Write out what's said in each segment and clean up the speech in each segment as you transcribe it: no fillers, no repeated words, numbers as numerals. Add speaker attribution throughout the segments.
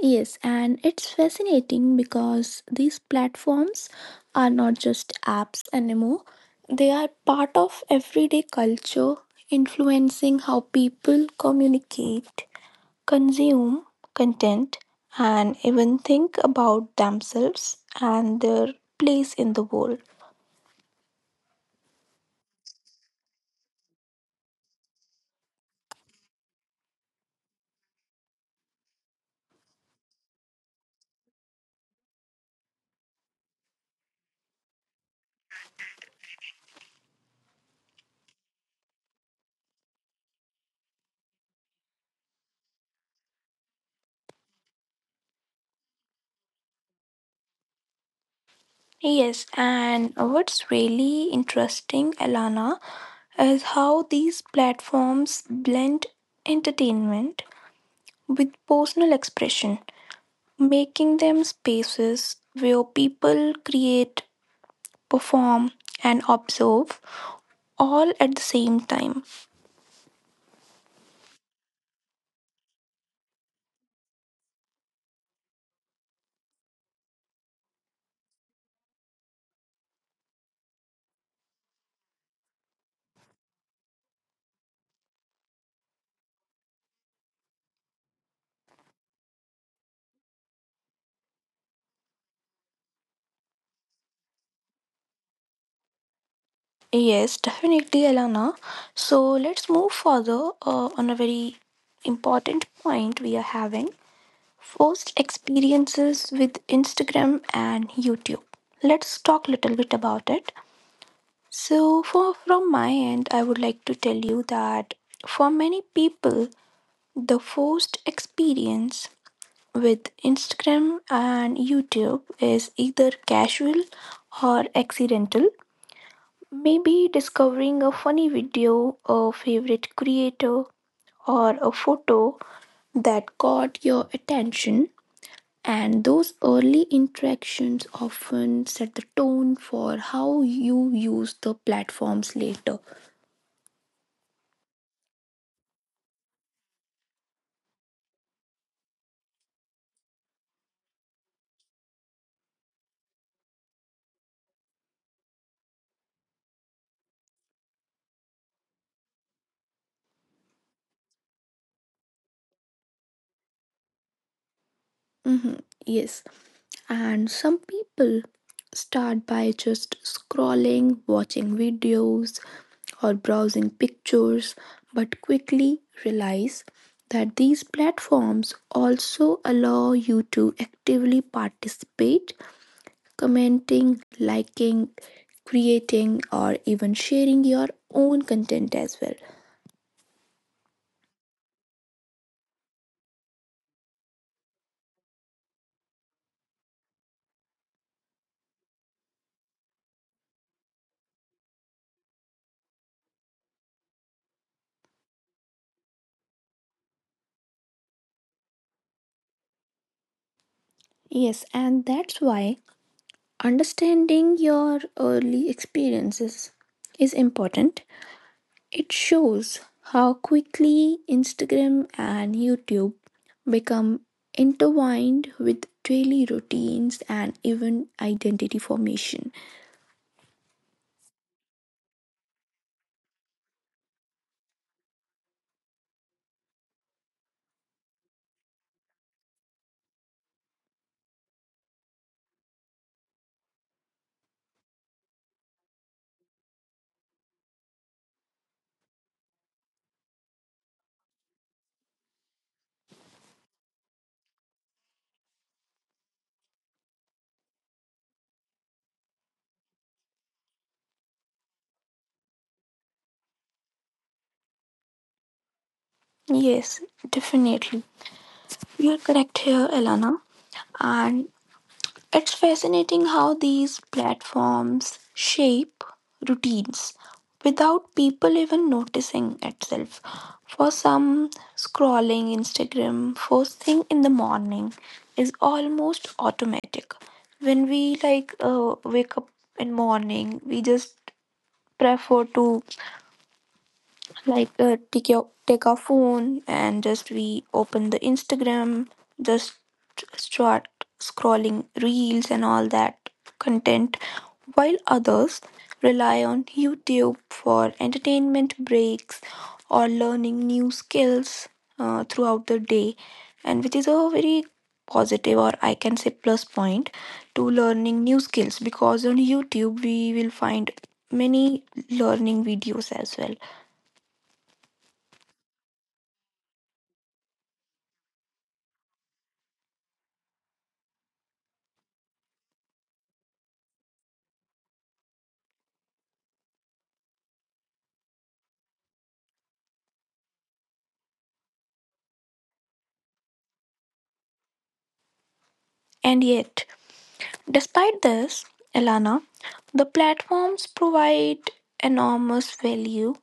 Speaker 1: Yes, and it's fascinating because these platforms are not just apps anymore. They are part of everyday culture, influencing how people communicate, consume content, and even think about themselves and their place in the world. Yes, and what's really interesting, Elana, is how these platforms blend entertainment with personal expression, making them spaces where people create, perform, and observe all at the same time. Yes, definitely, Elena. So let's move further on a very important point. We are having first experiences with Instagram and YouTube. Let's talk a little bit about it. So, for from my end, I would like to tell you that for many people, the first experience with Instagram and YouTube is either casual or accidental. Maybe discovering a funny video, a favorite creator, or a photo that caught your attention. And those early interactions often set the tone for how you use the platforms later. Mhm, yes. And some people start by just scrolling, watching videos, or browsing pictures, but quickly realize that these platforms also allow you to actively participate, commenting, liking, creating, or even sharing your own content as well. Yes, and that's why understanding your early experiences is important. It shows how quickly Instagram and YouTube become intertwined with daily routines and even identity formation. Yes, definitely. You're correct here, Elana. And it's fascinating how these platforms shape routines without people even noticing itself. For some, scrolling Instagram first thing in the morning is almost automatic. When we like wake up in morning, we just prefer to like take our phone and just we open the Instagram, just start scrolling reels and all that content, while others rely on YouTube for entertainment breaks or learning new skills throughout the day, and which is a very positive or I can say plus point to learning new skills, because on YouTube we will find many learning videos as well. And yet, despite this, Elana, the platforms provide enormous value.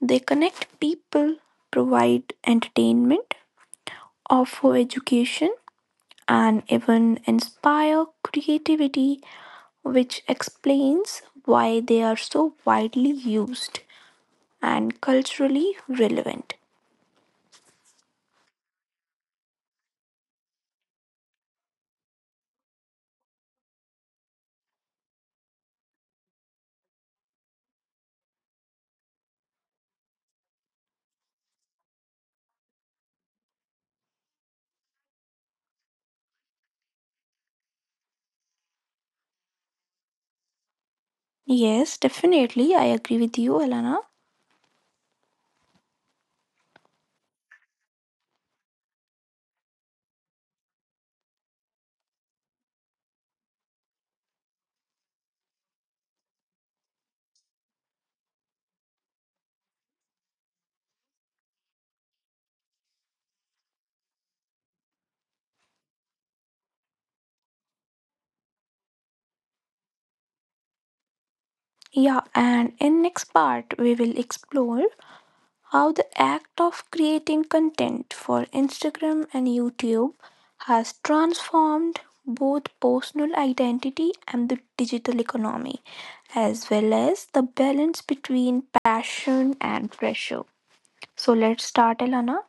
Speaker 1: They connect people, provide entertainment, offer education, and even inspire creativity, which explains why they are so widely used and culturally relevant. Yes, definitely, I agree with you, Elana. Yeah, and in next part we will explore how the act of creating content for Instagram and YouTube has transformed both personal identity and the digital economy, as well as the balance between passion and pressure. So let's start, Elana.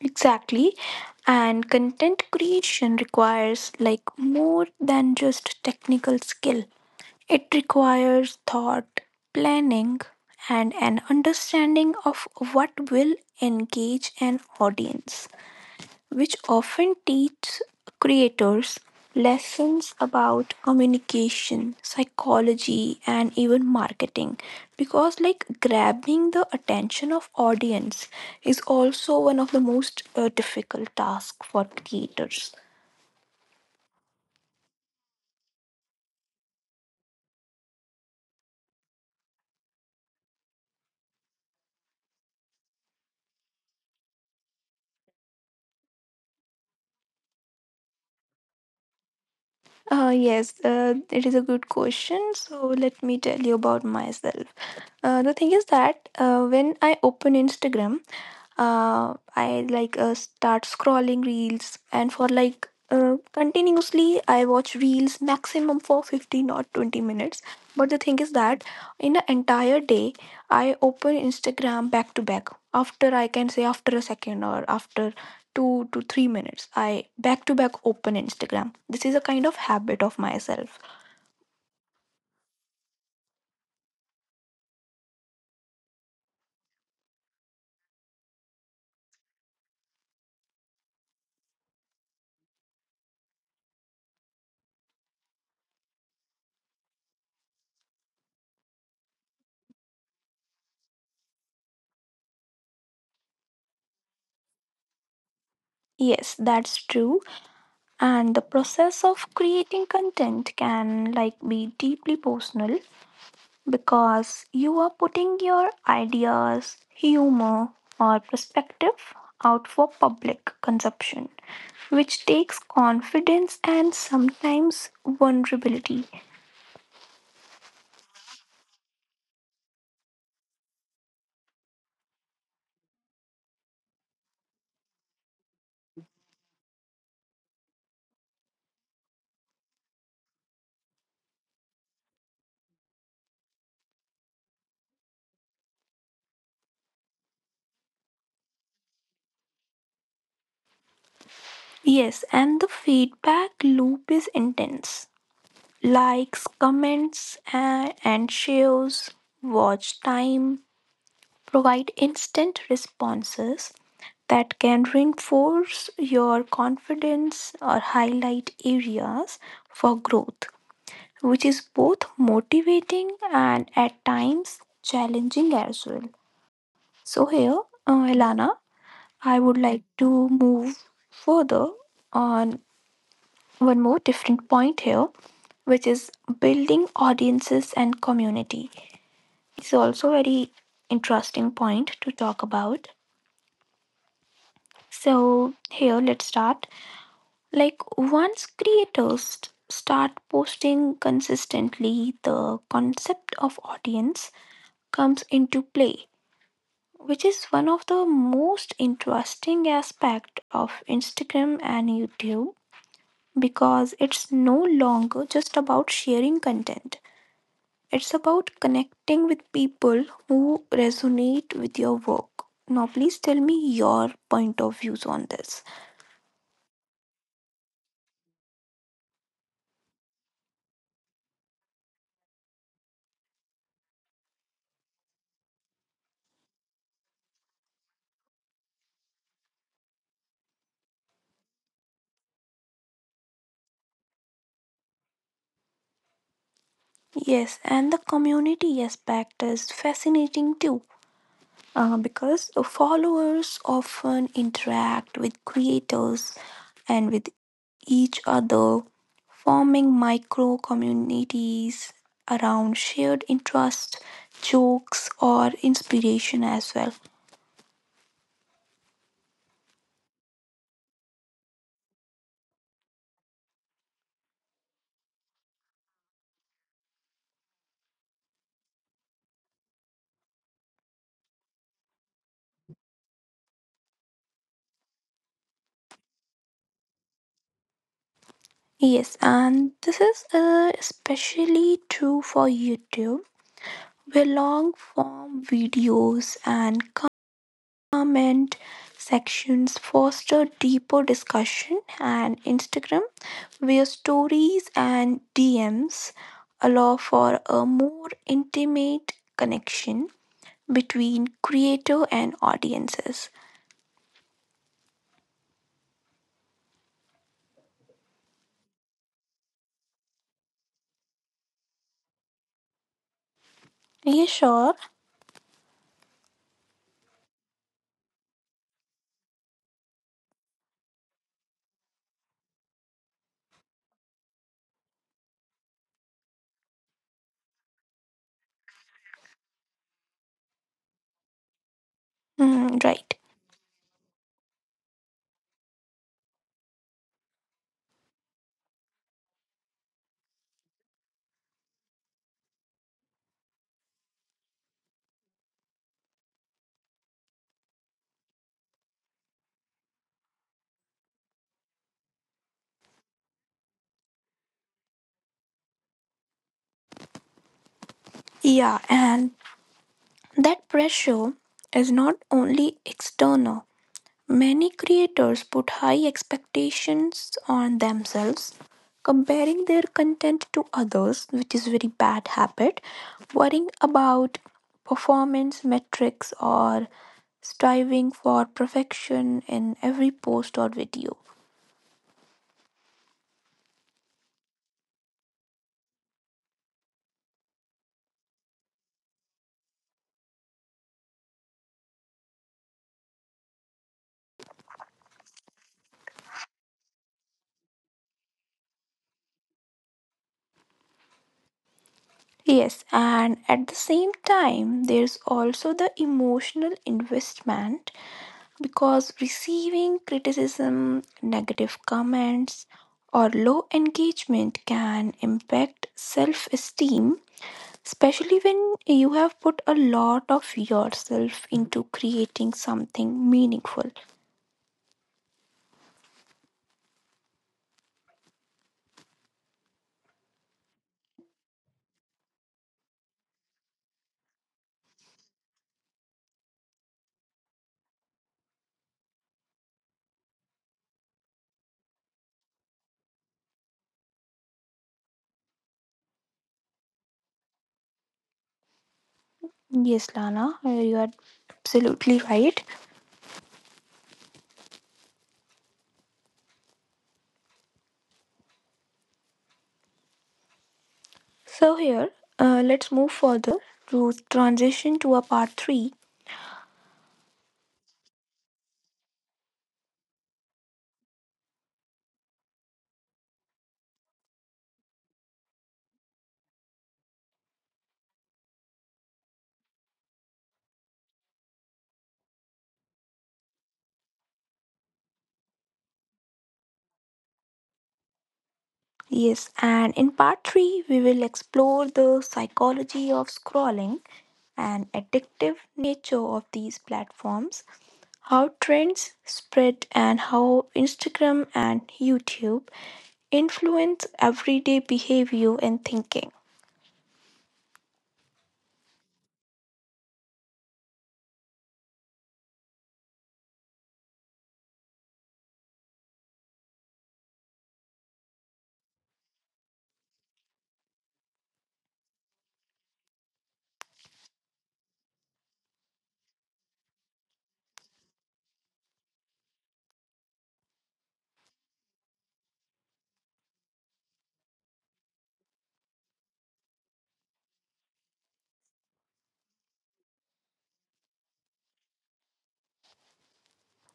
Speaker 1: Exactly. And content creation requires like more than just technical skill. It requires thought, planning, and an understanding of what will engage an audience, which often teaches creators lessons about communication, psychology, and even marketing, because like grabbing the attention of audience is also one of the most difficult tasks for creators. Yes, it is a good question. So let me tell you about myself. The thing is that when I open Instagram, I like start scrolling reels, and for like continuously, I watch reels maximum for 15 or 20 minutes. But the thing is that in the entire day, I open Instagram back to back. After, I can say after a second or after 2 to 3 minutes, I back to back open Instagram. This is a kind of habit of myself. Yes, that's true. And the process of creating content can like be deeply personal, because you are putting your ideas, humor, or perspective out for public consumption, which takes confidence and sometimes vulnerability. Yes, and the feedback loop is intense. Likes, comments, and shares, watch time provide instant responses that can reinforce your confidence or highlight areas for growth, which is both motivating and at times challenging as well. So, here, Elana, I would like to move further on one more different point here, which is building audiences and community. It's also very interesting point to talk about. So, here let's start. Like, once creators start posting consistently, the concept of audience comes into play, which is one of the most interesting aspect of Instagram and YouTube, because it's no longer just about sharing content. It's about connecting with people who resonate with your work. Now, please tell me your point of views on this. Yes, and the community aspect is fascinating too, because followers often interact with creators and with each other, forming micro communities around shared interests, jokes, or inspiration as well. Yes, and this is especially true for YouTube, were long form videos and comment sections fostered deeper discussion, and Instagram, where stories and DMs allow for a more intimate connection between creator and audiences. Yeah, sure. Mm, right. Yeah, and that pressure is not only external. Many creators put high expectations on themselves, comparing their content to others, which is very bad habit, worrying about performance metrics or striving for perfection in every post or video.
Speaker 2: Yes, and at the same time, there's also the emotional investment because receiving criticism, negative comments, or low engagement can impact self esteem, especially when you have put a lot of yourself into creating something meaningful. Yes, Lana, you are absolutely right. So, here, let's move further to transition to a part 3. Yes, and in part 3, we will explore the psychology of scrolling and addictive nature of these platforms, how trends spread, and how Instagram and YouTube influence everyday behavior and thinking.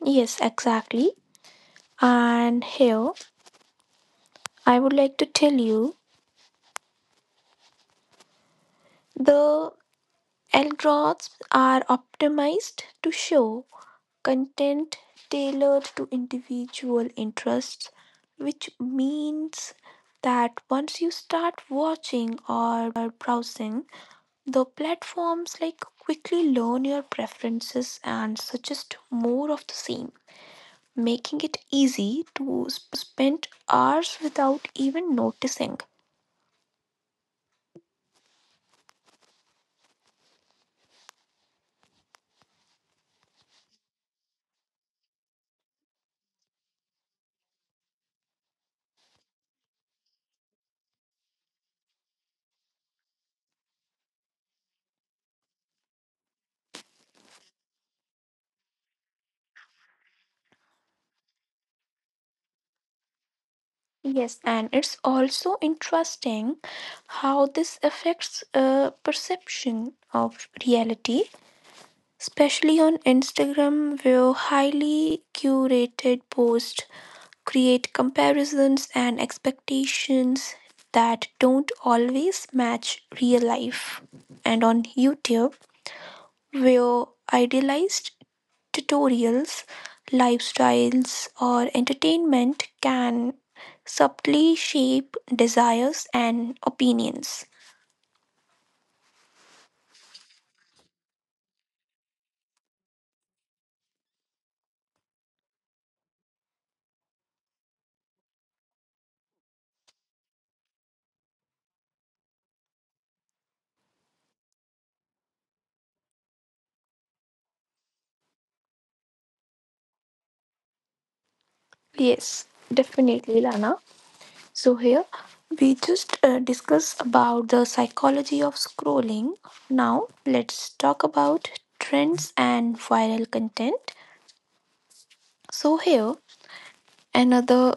Speaker 2: Yes, exactly. And here I would like to tell you the algorithms are optimized to show content tailored to individual interests, which means that once you start watching or browsing, the platforms like quickly learn your preferences and suggest more of the same, making it easy to spend hours without even noticing. Yes, and it's also interesting how this affects perception of reality. Especially on Instagram, where highly curated posts create comparisons and expectations that don't always match real life. And on YouTube, where idealized tutorials, lifestyles, or entertainment can subtly shape desires and opinions. Yes, definitely, Lana. So here we just discuss about the psychology of scrolling. Now let's talk about trends and viral content. So here another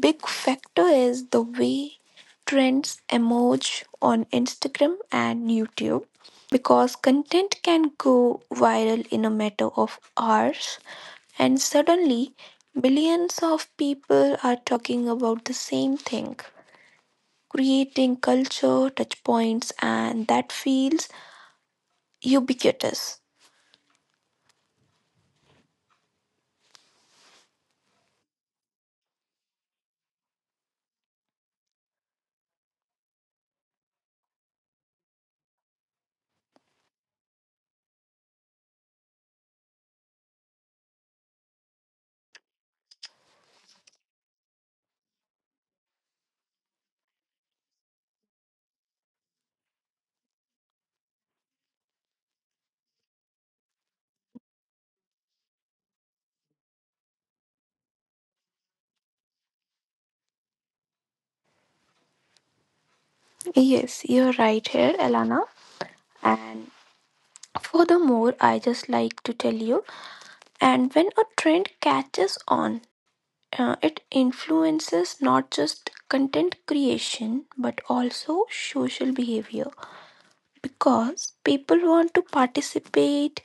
Speaker 2: big factor is the way trends emerge on Instagram and YouTube because content can go viral in a matter of hours and suddenly millions of people are talking about the same thing, creating culture touchpoints and that feels ubiquitous.
Speaker 1: Yes, you're right here, Elana. And furthermore, I just like to tell you, and when a trend catches on, it influences not just content creation but also social behavior, because people want to participate,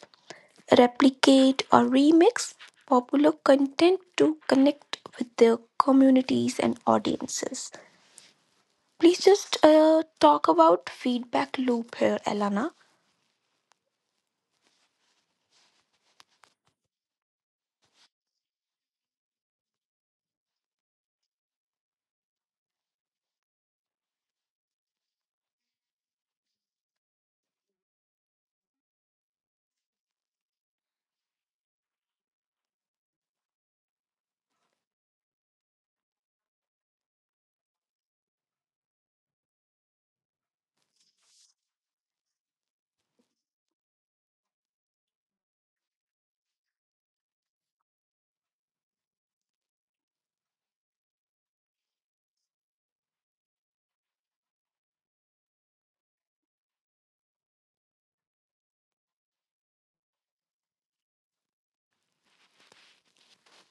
Speaker 1: replicate, or remix popular content to connect with their communities and audiences. Please just talk about feedback loop here, Elana.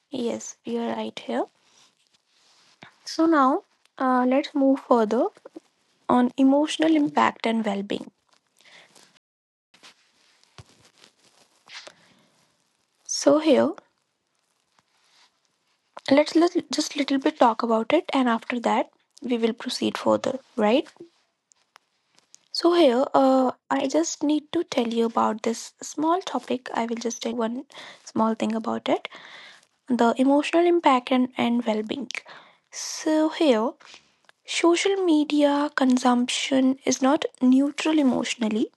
Speaker 1: Yes, we are right here. So now let's move further on emotional impact and well-being. So here let's just little bit talk about it, and after that we will proceed further. Right. So here I just need to tell you about this small topic. I will just tell one small thing about it: the emotional impact and well-being. So here, social media consumption is not neutral emotionally.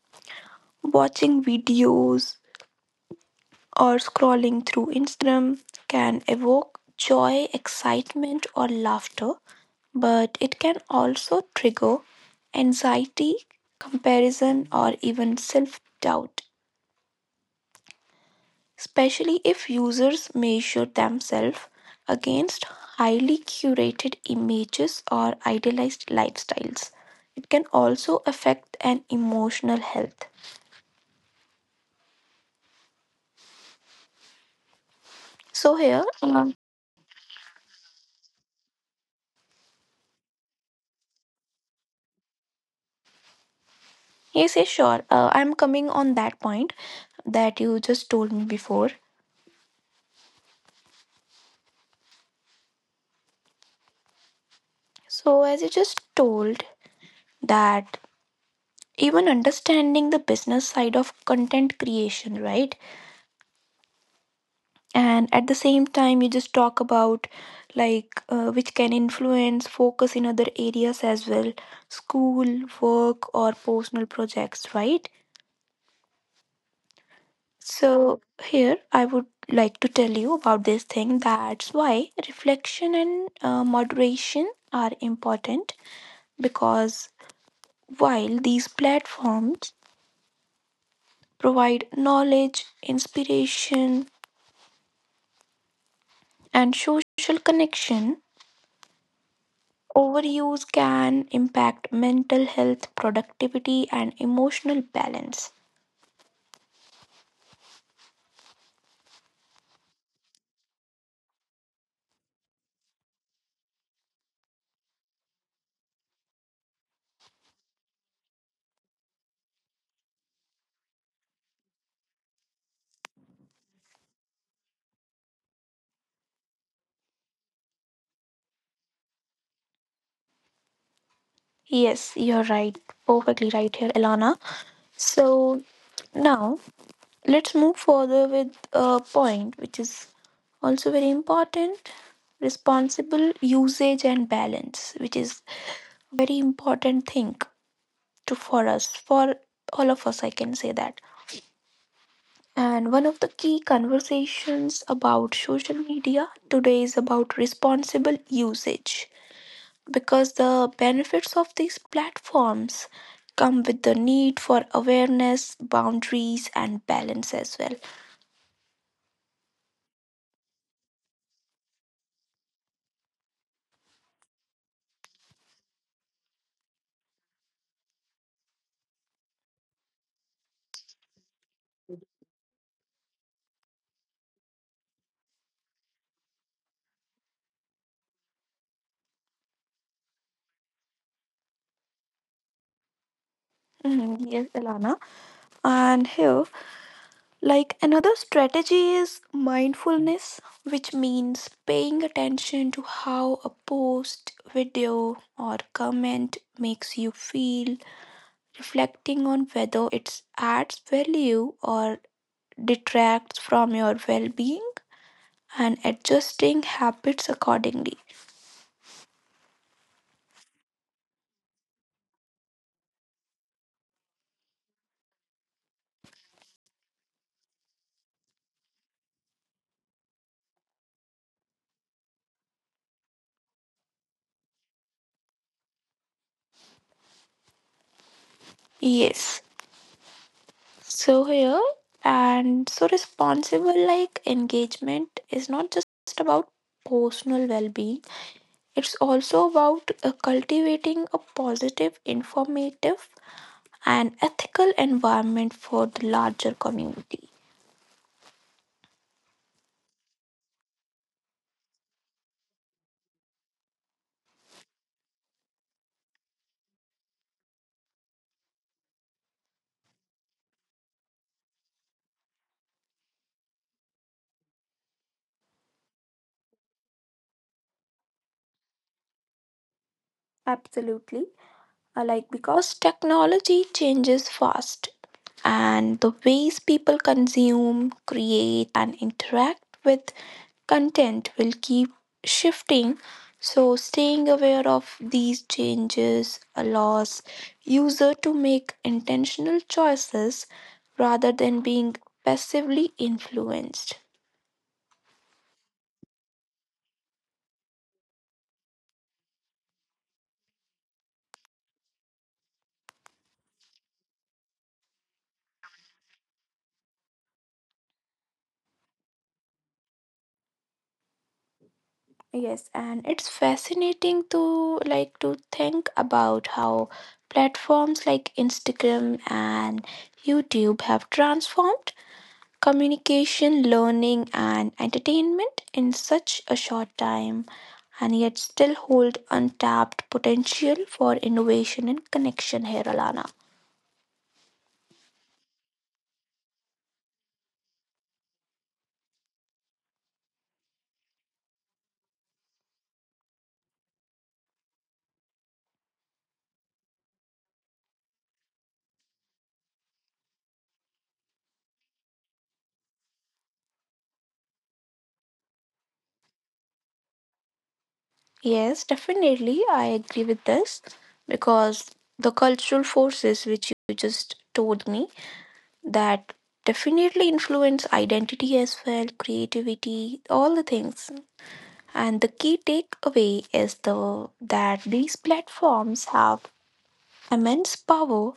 Speaker 1: Watching videos or scrolling through Instagram can evoke joy, excitement, or laughter, but it can also trigger anxiety, comparison, or even self doubt, especially if users measure themselves against highly curated images or idealized lifestyles. It can also affect an emotional health. So, here, yes, yes, sure. I'm coming on that point that you just told me before. So, as you just told, that even understanding the business side of content creation, right? And at the same time, you just talk about like which can influence focus in other areas as well, school, work, or personal projects, right? So, here I would like to tell you about this thing. That's why reflection and moderation are important, because while these platforms provide knowledge, inspiration, and social connection, overuse can impact mental health, productivity, and emotional balance. Yes, you're right. Perfectly right here, Elana. So now let's move further with a point which is also very important, responsible usage and balance, which is very important thing to for us, for all of us I can say that. And one of the key conversations about social media today is about responsible usage, because the benefits of these platforms come with the need for awareness, boundaries, and balance as well. Mhm, yes, Elana. And here, like another strategy is mindfulness, which means paying attention to how a post, video, or comment makes you feel, reflecting on whether it adds value or detracts from your well being, and adjusting habits accordingly. Yes, so here, and so responsible like engagement is not just about personal well being. It's also about cultivating a positive, informative, and ethical environment for the larger community. Absolutely. Like, because technology changes fast and the ways people consume, create, and interact with content will keep shifting, so staying aware of these changes allows user to make intentional choices rather than being passively influenced. Yes, and it's fascinating to like to think about how platforms like Instagram and YouTube have transformed communication, learning, and entertainment in such a short time, and yet still hold untapped potential for innovation and connection here, Alana. Yes, definitely, I agree with this, because the cultural forces which you just told me that definitely influence identity as well, creativity, all the things. And the key takeaway is the that these platforms have immense power,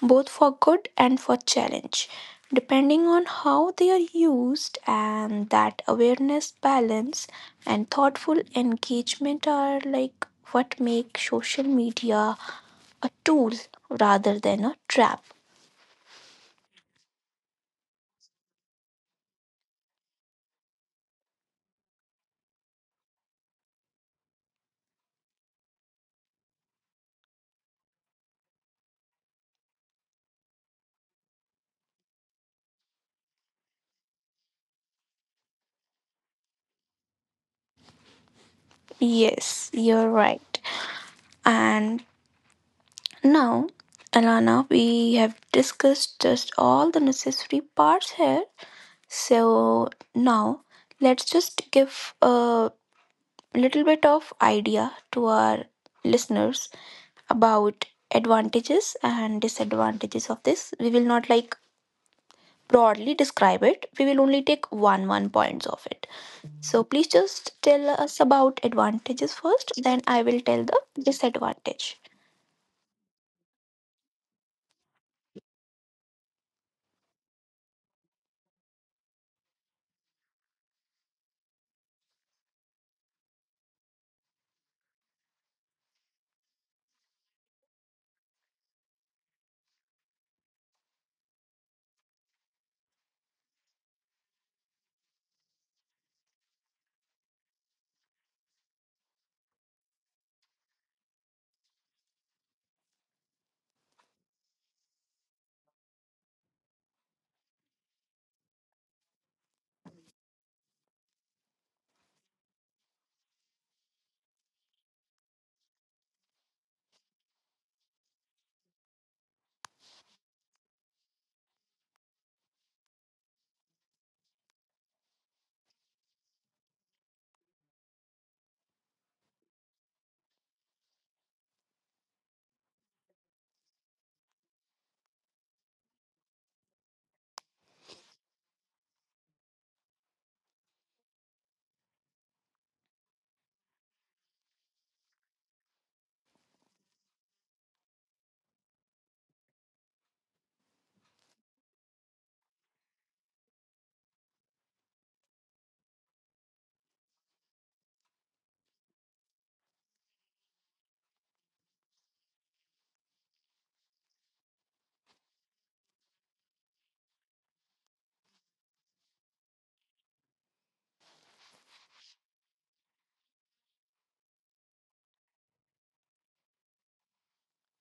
Speaker 1: both for good and for challenge, depending on how they are used, and that awareness, balance, and thoughtful engagement are like what make social media a tool rather than a trap. Yes, you're right. And now, Alana, we have discussed just all the necessary parts here. So now let's just give a little bit of idea to our listeners about advantages and disadvantages of this. We will not like broadly describe it. We will only take one points of it. So please just tell us about advantages first, then I will tell the disadvantage.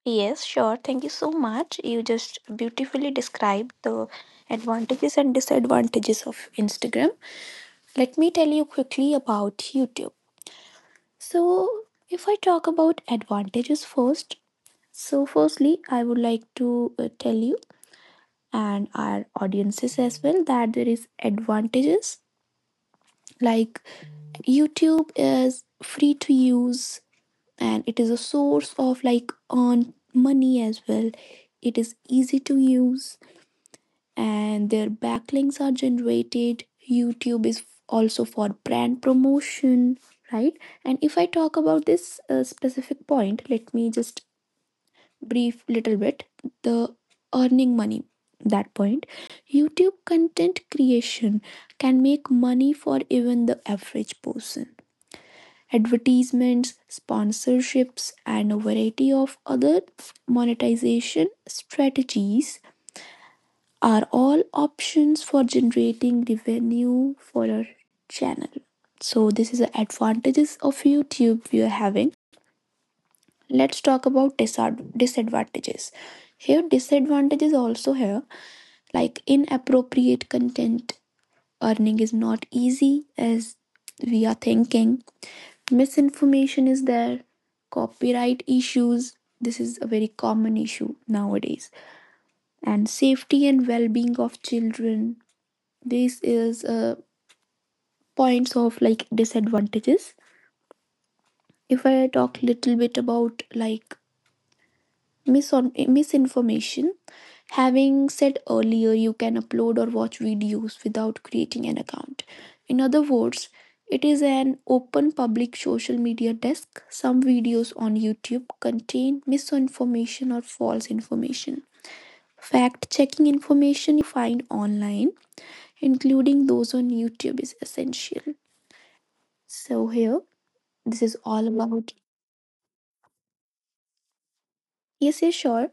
Speaker 1: Yes, sure. Thank you so much. You just beautifully described the advantages and disadvantages of Instagram. Let me tell you quickly about YouTube. So, if I talk about advantages first, so firstly, I would like to tell you and our audiences as well that there is advantages like YouTube is free to use and it is a source of like earned money as well. It is easy to use and their backlinks are generated. YouTube is also for brand promotion, right? And if I talk about this specific point, let me just brief little bit the earning money, that point. YouTube content creation can make money for even the average person. Advertisements, sponsorships, and a variety of other monetization strategies are all options for generating revenue for your channel. So this is the advantages of YouTube we are having. Let's talk about disadvantages. Here disadvantages also here, like inappropriate content, earning is not easy as we are thinking. Misinformation is there, copyright issues. This is a very common issue nowadays. And safety and well being of children. This is a points of like disadvantages. If I talk little bit about like misinformation, having said earlier, you can upload or watch videos without creating an account. In other words, it is an open public social media desk. Some videos on YouTube contain misinformation or false information. Fact checking information find online, including those on YouTube, is essential. So here, this is all about. Yes, yes, sure.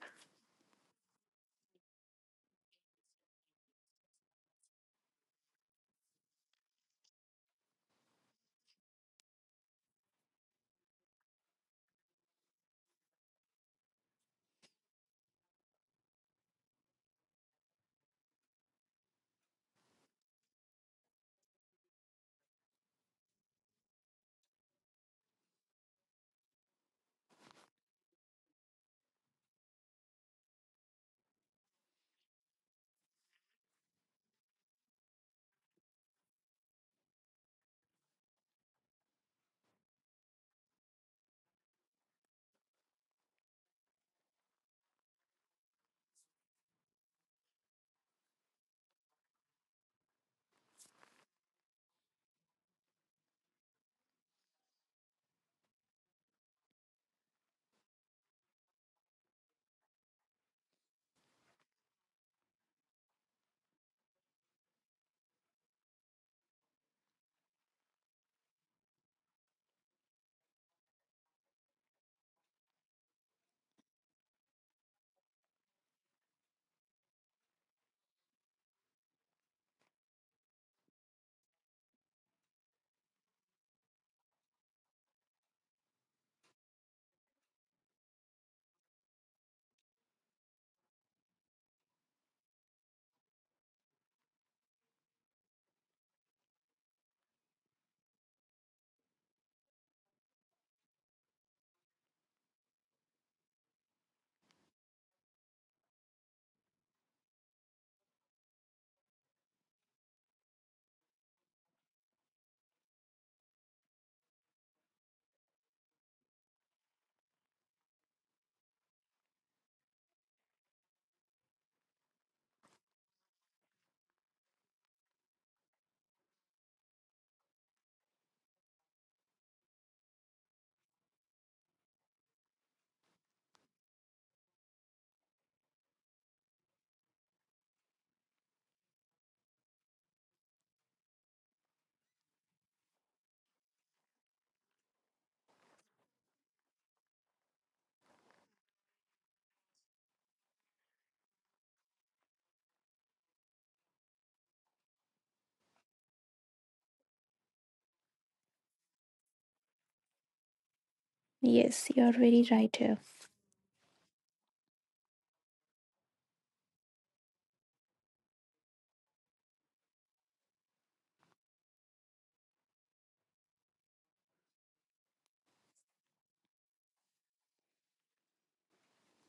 Speaker 1: Yes, you're very right here.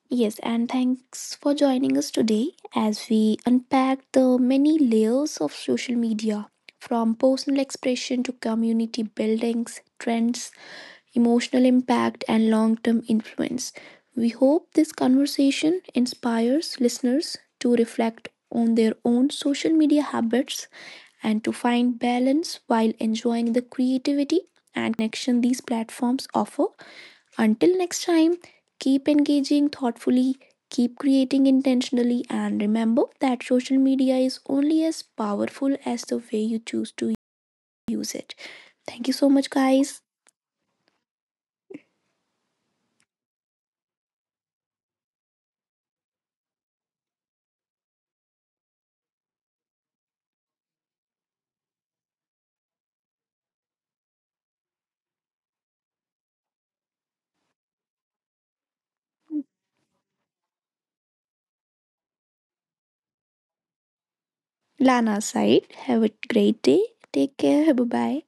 Speaker 1: Yes, and thanks for joining us today as we unpack the many layers of social media, from personal expression to community buildings, trends, emotional impact, and long term influence. We hope this conversation inspires listeners to reflect on their own social media habits and to find balance while enjoying the creativity and connection these platforms offer. Until next time, keep engaging thoughtfully, keep creating intentionally, and remember that social media is only as powerful as the way you choose to use it. Thank you so much, guys. Lana side. Have a great day. Take care. Bye bye.